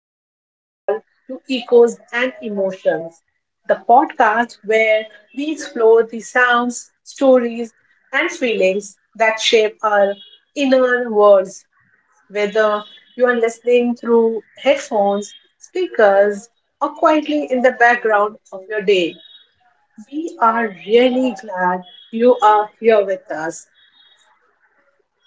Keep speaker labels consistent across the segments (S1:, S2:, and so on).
S1: welcome you all to Echoes and Emotions, the podcast where we explore the sounds, stories, and feelings that shape our inner worlds, whether you are listening through headphones, speakers, or quietly in the background of your day. We are really glad you are here with us.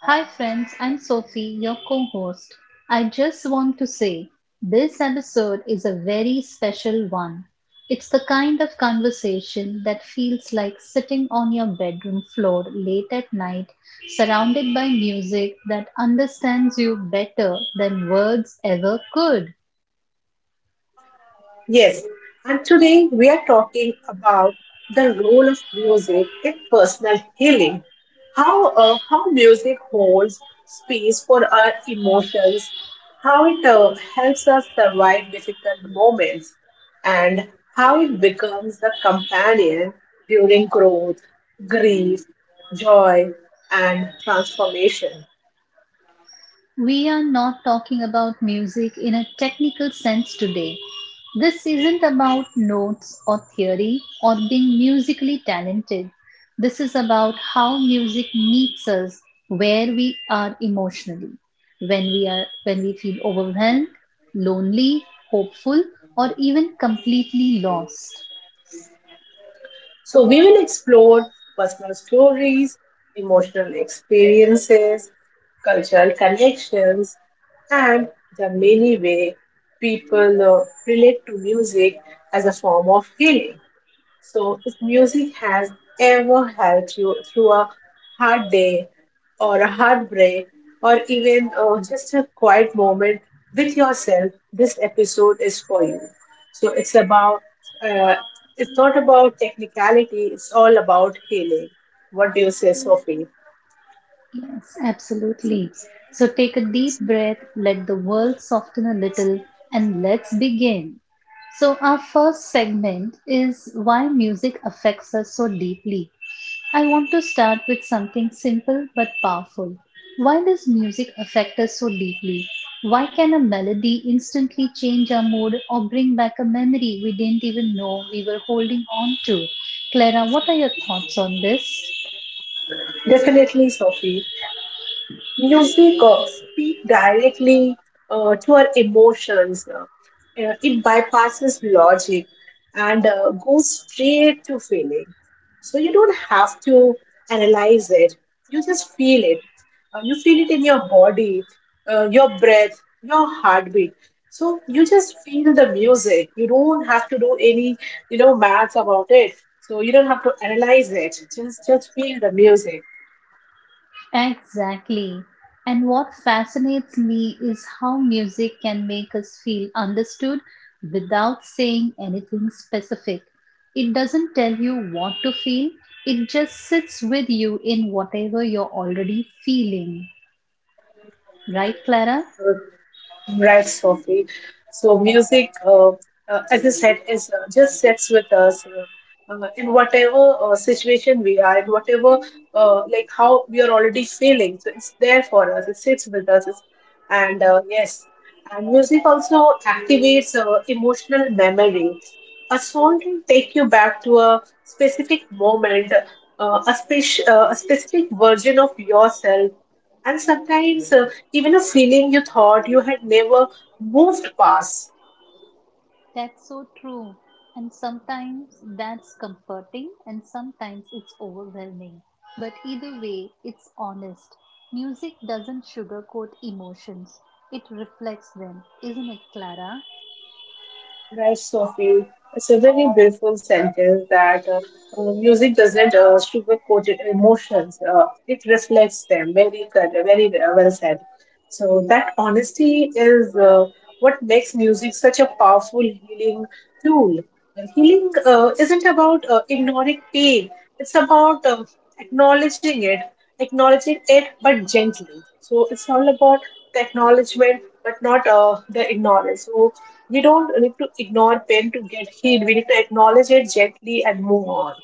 S2: Hi, friends, I'm Sophie, your co host. I just want to say this episode is a very special one. It's the kind of conversation that feels like sitting on your bedroom floor late at night, surrounded by music that understands you better than words ever could.
S1: Yes, and today we are talking about the role of music in personal healing. How music holds space for our emotions, how it helps us survive difficult moments, and how it becomes the companion during growth, grief, joy, and transformation.
S2: We are not talking about music in a technical sense today. This isn't about notes or theory or being musically talented. This is about how music meets us where we are emotionally. When we feel overwhelmed, lonely, hopeful or even completely lost.
S1: So, we will explore personal stories, emotional experiences, cultural connections, and the many ways people relate to music as a form of healing. So, if music has ever helped you through a hard day or a heartbreak or even just a quiet moment with yourself, this episode is for you. So, it's uh, not about technicality, it's all about healing. What do you say, Sophie?
S2: Yes, absolutely. So take a deep breath, let the world soften a little, and let's begin. So, our first segment is why music affects us so deeply. I want to start with something simple but powerful. Why does music affect us so deeply? Why can a melody instantly change our mood or bring back a memory we didn't even know we were holding on to? Clara, what are your thoughts on this?
S1: Definitely, Sophie. Music speak directly to our emotions. It bypasses logic and goes straight to feeling. So you don't have to analyze it. You just feel it. You feel it in your body, your breath, your heartbeat. So you just feel the music. You don't have to do any maths about it. So you don't have to analyze it. Just feel the music.
S2: Exactly. And what fascinates me is how music can make us feel understood without saying anything specific. It doesn't tell you what to feel, it just sits with you in whatever you're already feeling. Right, Clara?
S1: Right, Sophie. So music, as I said, is just sits with us in whatever situation we are in, whatever like how we are already feeling. So it's there for us. It sits with us, It's- and yes, and music also activates emotional memory. A song can take you back to a specific moment, a specific version of yourself, and sometimes even a feeling you thought you had never moved past.
S2: That's so true. And sometimes that's comforting and sometimes it's overwhelming. But either way, it's honest. Music doesn't sugarcoat emotions, it reflects them, isn't it, Clara?
S1: Right, Sophie. It's a very beautiful sentence that music doesn't sugarcoat emotions. It reflects them. Very good. Very well said. So that honesty is what makes music such a powerful healing tool. And healing isn't about ignoring pain. It's about acknowledging it, but gently. So it's all about the acknowledgement, but not the ignorance. So we don't need to ignore pain to get healed. We need to acknowledge it gently and move on.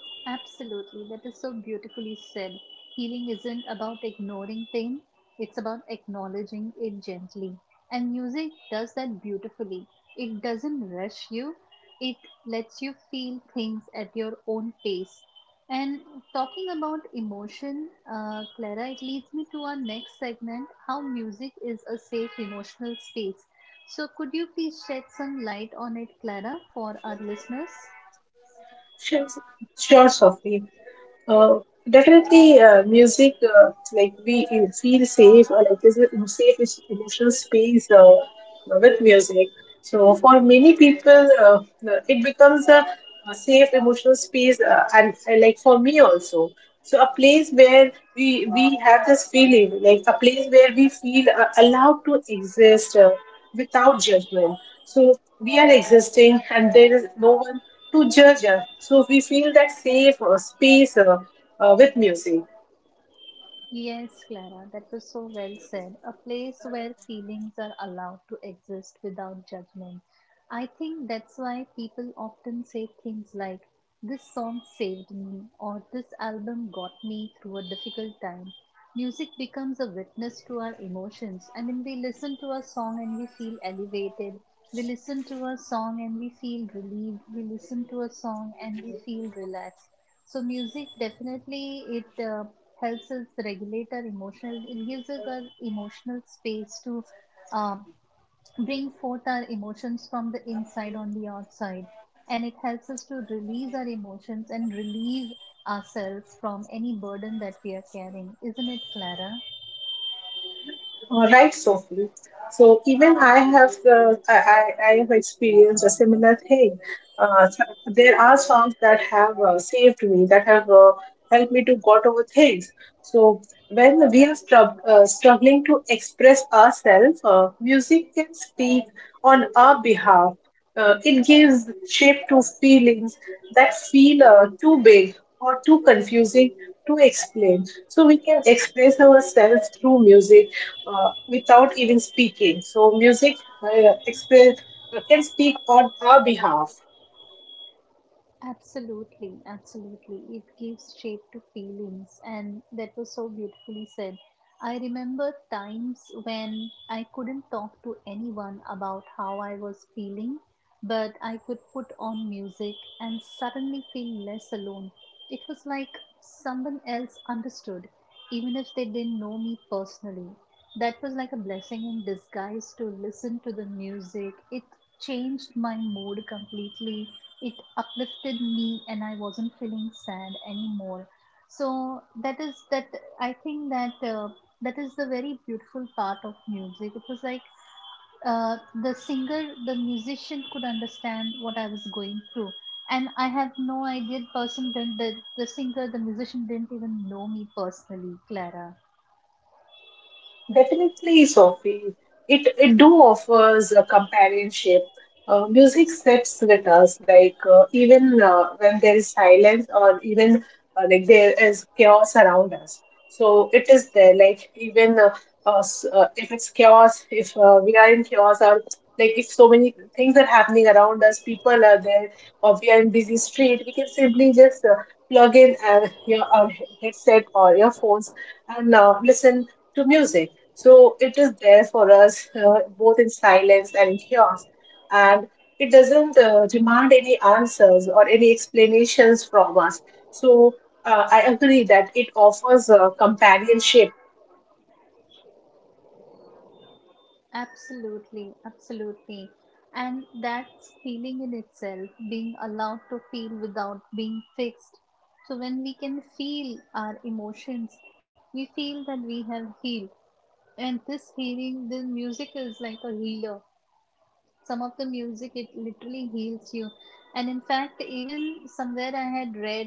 S2: Absolutely. That is so beautifully said. Healing isn't about ignoring pain, it's about acknowledging it gently. And music does that beautifully. It doesn't rush you, it lets you feel things at your own pace. And talking about emotion, Clara, it leads me to our next segment how music is a safe emotional space. So, could you please shed some light on it, Clara, for our listeners?
S1: Sure, sure, Sophie. Uh, Definitely, music like we feel safe, or like there's a emotional space with music. So for many people, it becomes a safe emotional space, and like for me also. So a place where we have this feeling, like a place where we feel allowed to exist without judgment. So we are existing, and there is no one to judge us. So we feel that safe space with music.
S2: Yes, Clara, that was so well said. A place where feelings are allowed to exist without judgment. I think that's why people often say things like, This song saved me, or This album got me through a difficult time. Music becomes a witness to our emotions. I mean, we listen to a song and we feel elevated. We listen to a song and we feel relieved. We listen to a song and we feel relaxed. So music definitely it helps us regulate our emotional, it gives us our emotional space to uh, bring forth our emotions from the inside on the outside, and it helps us to release our emotions and relieve ourselves from any burden that we are carrying, isn't it, Clara?
S1: All right, Sophie. So even I have experienced a similar thing. Uh, there are songs that have saved me, that have helped me to got over things. So when we are struggling to express ourselves, music can speak on our behalf. It gives shape to feelings that feel too big or too confusing to explain. So we can express ourselves through music without even speaking. So music express can speak on our behalf.
S2: Absolutely, absolutely. It gives shape to feelings, and that was so beautifully said. I remember times when I couldn't talk to anyone about how I was feeling, but I could put on music and suddenly feel less alone. It was like someone else understood, even if they didn't know me personally. That was like a blessing in disguise to listen to the music. It changed my mood completely, it uplifted me and I wasn't feeling sad anymore. So that is that, I think that that is the very beautiful part of music. It was like uh, the singer, the musician could understand what I was going through, and I have no idea the person didn't, the singer, the musician didn't even know me personally, Clara.
S1: Definitely, Sophie. It do offers a companionship. Music sits with us, like even when there is silence, or even like there is chaos around us. So it is there. Like even if it's chaos, if we are in chaos, or like if so many things are happening around us, people are there, or we are in busy street, we can simply just plug in our headset or earphones and listen to music, so it is there for us both in silence and in chaos. And it doesn't demand any answers or any explanations from us. So I agree that it offers companionship.
S2: Absolutely, absolutely. And that's feeling in itself, being allowed to feel without being fixed. So, when we can feel our emotions, we feel that we have healed. And this healing, the music is like a healer. Some of the music, it literally heals you. And in fact, even somewhere I had read that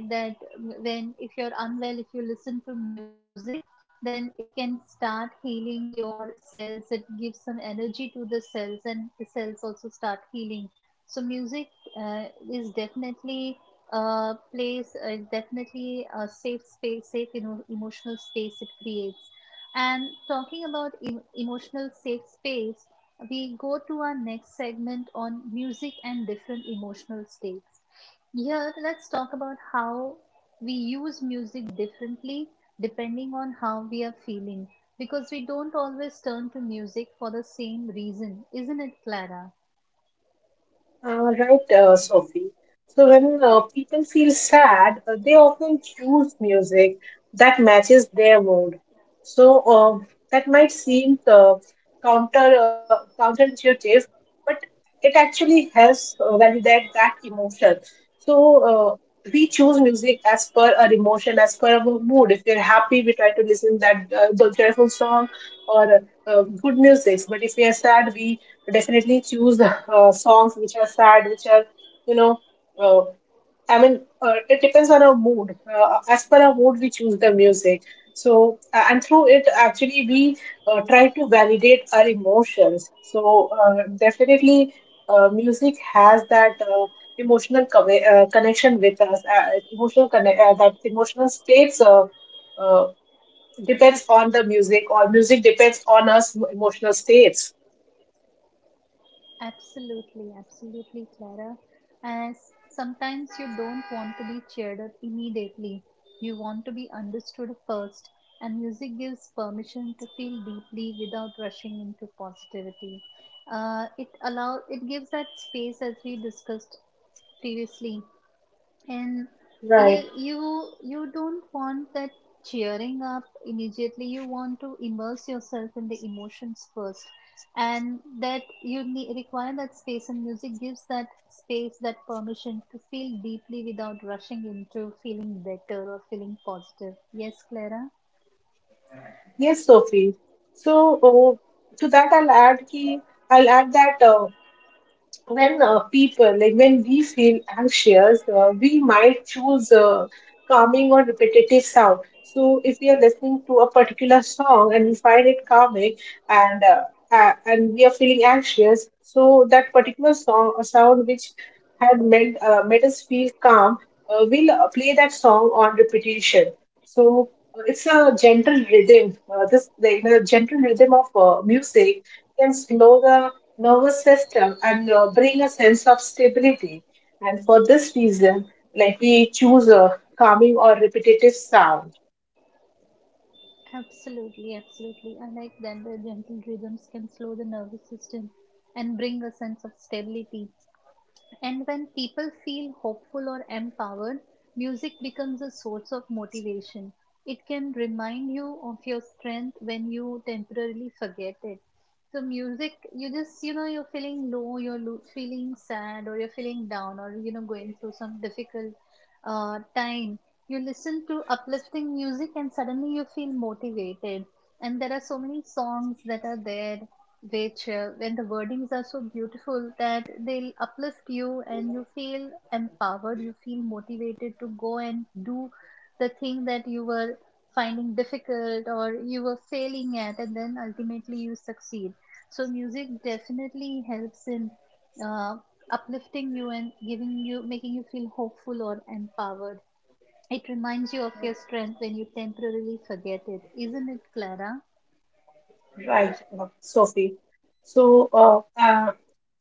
S2: when, if you're unwell, if you listen to music, then it can start healing your cells. It gives some energy to the cells and the cells also start healing. So music uh, is definitely a place, definitely a safe space, safe emotional space it creates. And talking about emotional safe space, we go to our next segment on music and different emotional states. Here, let's talk about how we use music differently depending on how we are feeling, because we don't always turn to music for the same reason, isn't it, Clara?
S1: Right, Sophie. So when people feel sad, they often choose music that matches their mood. So that might seem counterintuitive, but it actually helps validate that emotion. So we choose music as per our emotion, as per our mood. If we're happy, we try to listen that the joyful song or good music. But if we are sad, we definitely choose songs which are sad, which are, you know, uh, I mean, it depends on our mood. As per our mood, we choose the music. So, and through it, actually, we try to validate our emotions. So, definitely, music has that emotional connection with us, that emotional states. Uh, Depends on the music, or music depends on us emotional states,
S2: Absolutely, absolutely, Clara. As sometimes you don't want to be cheered up immediately, you want to be understood first, and music gives permission to feel deeply without rushing into positivity. It allow, it gives that space as we discussed previously. And you
S1: right?
S2: you you don't want that cheering up immediately. You want to immerse yourself in the emotions first. And that you need, require that space, and music gives that space, that permission to feel deeply without rushing into feeling better or feeling positive. Yes, Clara?
S1: Yes, Sophie. So, to that, I'll add that when people, like when we feel anxious, we might choose a calming or repetitive sound. So if we are listening to a particular song and we find it calming and uh, and we are feeling anxious, so that particular song or sound which had made made us feel calm, we'll play that song on repetition. So it's a gentle rhythm this the gentle rhythm of music can slow the nervous system and bring a sense of stability. And for this reason, like we choose a calming or repetitive sound,
S2: Absolutely, absolutely. I like that the gentle rhythms can slow the nervous system and bring a sense of stability. And when people feel hopeful or empowered, music becomes a source of motivation. It can remind you of your strength when you temporarily forget it. So, music, you just, you know, you're feeling low, you're feeling sad, or you're feeling down, or, you know, going through some difficult time. You listen to uplifting music and suddenly you feel motivated. And there are so many songs that are there which when the wordings are so beautiful that they'll uplift you and you feel empowered, you feel motivated to go and do the thing that you were finding difficult or you were failing at, and then ultimately you succeed. So music definitely helps in uh, uplifting you and giving you, making you feel hopeful or empowered. It reminds you of your strength when you temporarily forget it, isn't it, Clara?
S1: right, Sophie? So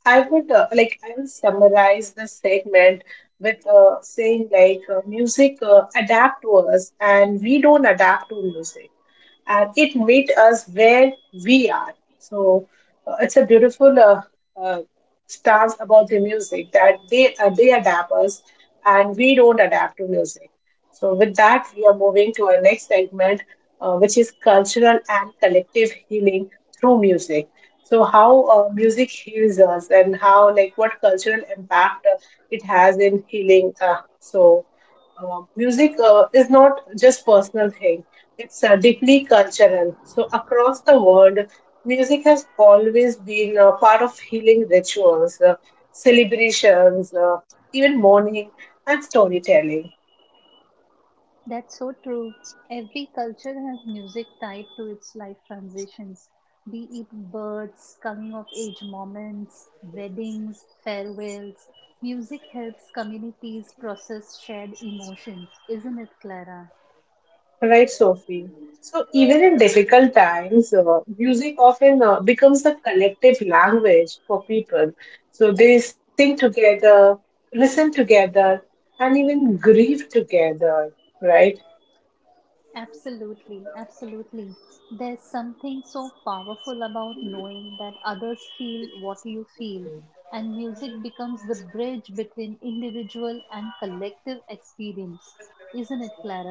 S1: I would like I will summarize this segment with saying like music adapt to us and we don't adapt to music and it meet us where we are. So it's a beautiful uh, stance about the music that they adapt us and we don't adapt to music. So with that, we are moving to our next segment, which is cultural and collective healing through music. So how music heals us and how like what cultural impact it has in healing. So music is not just personal thing, it's deeply cultural. So, across the world, music has always been a part of healing rituals, celebrations, even mourning, and storytelling.
S2: That's so true. Every culture has music tied to its life transitions, be it births, coming of age moments, weddings, farewells. Music helps communities process shared emotions, isn't it, Clara?
S1: Right, Sophie? So, even in difficult times, music often becomes the collective language for people. So, they sing together, listen together, and even grieve together, right?
S2: Absolutely, absolutely. There's something so powerful about knowing that others feel what you feel, and music becomes the bridge between individual and collective experience, isn't it, Clara?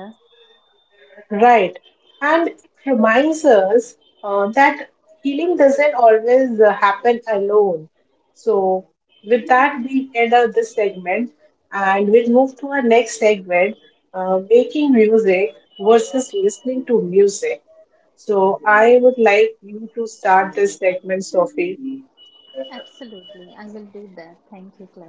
S1: Right. And it reminds us that healing doesn't always happen alone. So, with that, we end up this segment and we'll move to our next segment, making music versus listening to music. So, I would like you to start this segment, Sophie.
S2: Absolutely, I will do that. Thank you, Clara.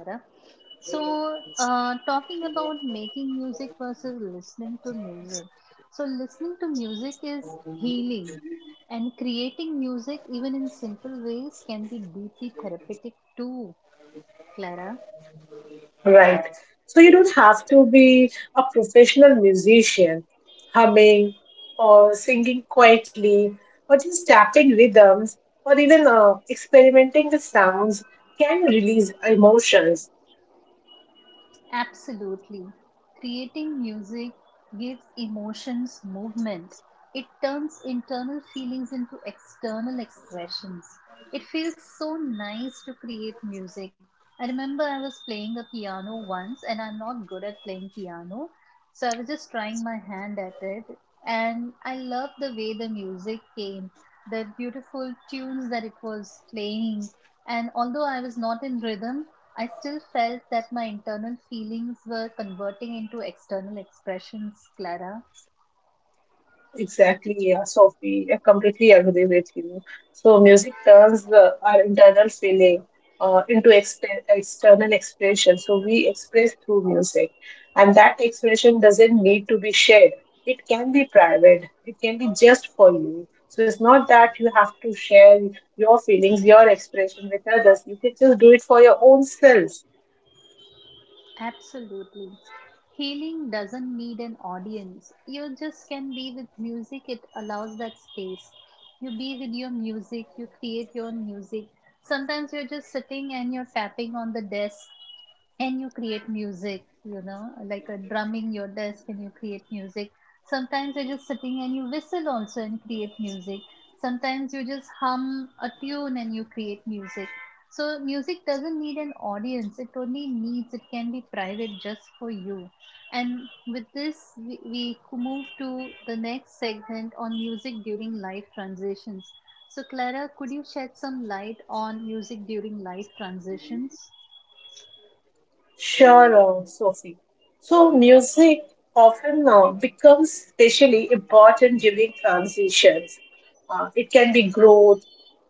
S2: So, talking about making music versus listening to music. So, listening to music is healing, and creating music, even in simple ways, can be deeply therapeutic too, Clara.
S1: Right. So you don't have to be a professional musician, humming or singing quietly, or just tapping rhythms, or even experimenting with sounds can release emotions.
S2: Absolutely. Creating music gives emotions movement. It turns internal feelings into external expressions. It feels so nice to create music. I remember I was playing the piano once and I'm not good at playing piano. So I was just trying my hand at it and I loved the way the music came, the beautiful tunes that it was playing. And although I was not in rhythm, I still felt that my internal feelings were converting into external expressions, Clara.
S1: Exactly, yeah, Sophie. I completely agree with you. So music turns our internal feeling uh, into external expression. So we express through music, and that expression doesn't need to be shared. It can be private. It can be just for you. So it's not that you have to share your feelings, your expression with others. You can just do it for your own self.
S2: Absolutely. Healing doesn't need an audience. You just can be with music, it allows that space. You be with your music, you create your own music. Sometimes you're just sitting and you're tapping on the desk and you create music, you know, like a drumming your desk and you create music. Sometimes you're just sitting and you whistle also and create music. Sometimes you just hum a tune and you create music. So music doesn't need an audience, it only needs, it can be private just for you. And with this, we move to the next segment on music during life transitions. So Clara, could you shed some light on music during life transitions?
S1: Sure, Sophie. So, music often becomes especially important during transitions. It can be growth,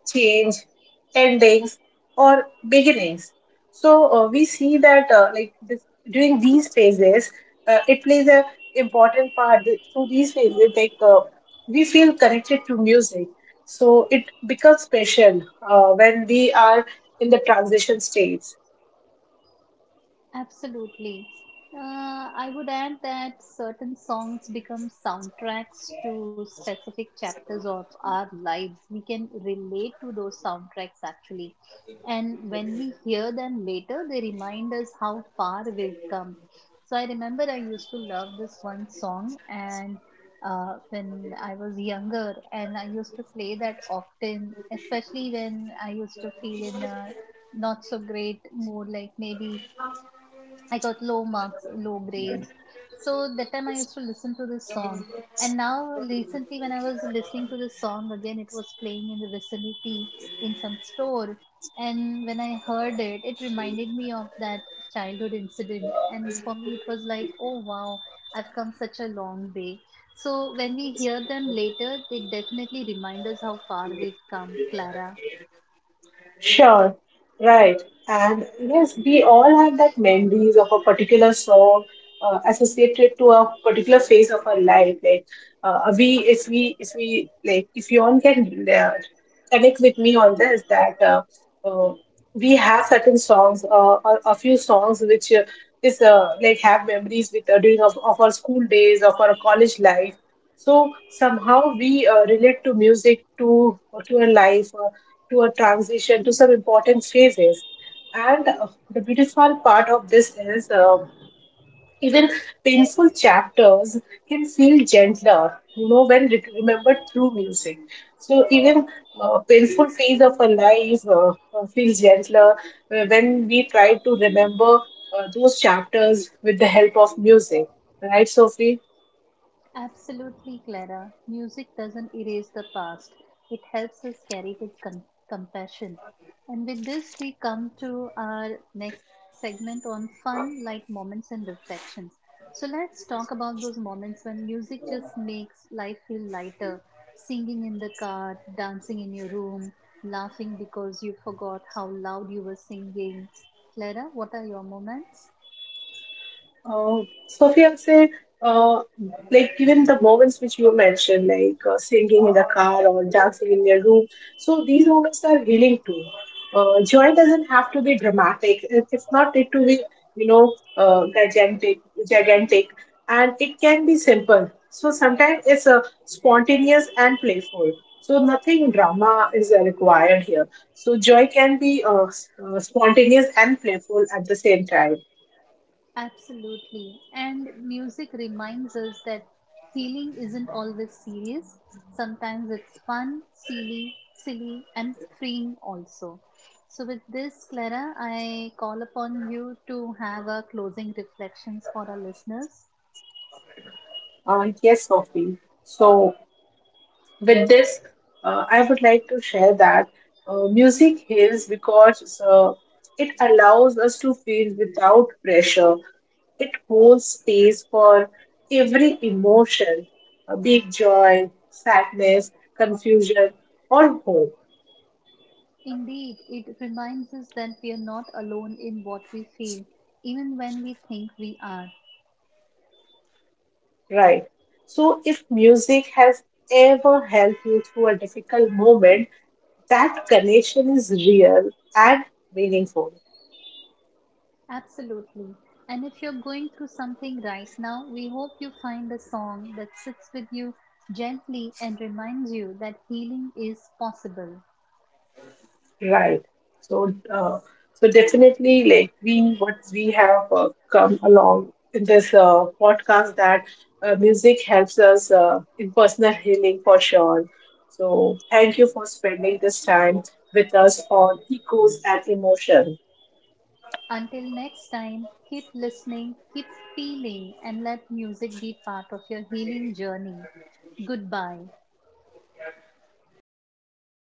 S1: change, endings, or beginnings. So, we see that like this, during these phases, it plays a important part. Through these phases, like we feel connected to music. So, it becomes special when we are in the transition stage.
S2: Absolutely. Uh, I would add that certain songs become soundtracks to specific chapters of our lives. We can relate to those soundtracks actually. And when we hear them later, they remind us how far we've come. So I remember I used to love this one song, and when I was younger, and I used to play that often, especially when I used to feel in a not so great mood, like maybe I got low marks, low grades. So that time I used to listen to this song. And now, recently, when I was listening to this song again, it was playing in the vicinity in some store. And when I heard it, it reminded me of that childhood incident. And for me, it was like, oh wow, I've come such a long way. So when we hear them later, they definitely remind us how far we've come, Clara.
S1: Sure, right. And yes, we all have that memories of a particular song associated to a particular phase of our life. Like we, if we, if we, like if you all can connect with me on this, that uh, we have certain songs, a few songs which is like have memories with of our school days, of our college life. So somehow we relate to music, to a life, to a transition, to some important phases. And the beautiful part of this is even painful chapters can feel gentler, you know, when remembered through music. So even painful phase of a life feels gentler when we try to remember those chapters with the help of music, right, Sophie?
S2: Absolutely, Clara. Music doesn't erase the past, it helps us carry with compassion. And with this, we come to our next segment on fun, light moments and reflections. So, let's talk about those moments when music just makes life feel lighter, singing in the car, dancing in your room, laughing because you forgot how loud you were singing. Clara, what are your moments?
S1: Sophia, I'd say, uh, like even the moments which you mentioned, like singing in the car or dancing in your room, so these moments are healing too. Joy doesn't have to be dramatic. It's not need to be, you know, gigantic, and it can be simple. So sometimes it's spontaneous and playful. So nothing drama is required here. So joy can be spontaneous and playful at the same time.
S2: Absolutely. And music reminds us that healing isn't always serious. Sometimes it's fun, silly, and freeing also. So, with this, Clara, I call upon you to have our closing reflections for our listeners.
S1: Yes, Sophie. So, with this, I would like to share that music heals because it allows us to feel without pressure. It holds space for every emotion, be it joy, sadness, confusion, or hope,
S2: Indeed, it reminds us that we are not alone in what we feel, even when we think we are.
S1: right? So, if music has ever helped you through a difficult moment, that connection is real and meaningful.
S2: Absolutely. And if you're going through something right now, we hope you find a song that sits with you gently and reminds you that healing is possible.
S1: Right. So, uh, so definitely, like we, what we have come along in this podcast that music helps us in personal healing for sure. So, thank you for spending this time with us on Echoes and Emotion.
S2: Until next time, keep listening, keep feeling, and let music be part of your healing journey. Goodbye.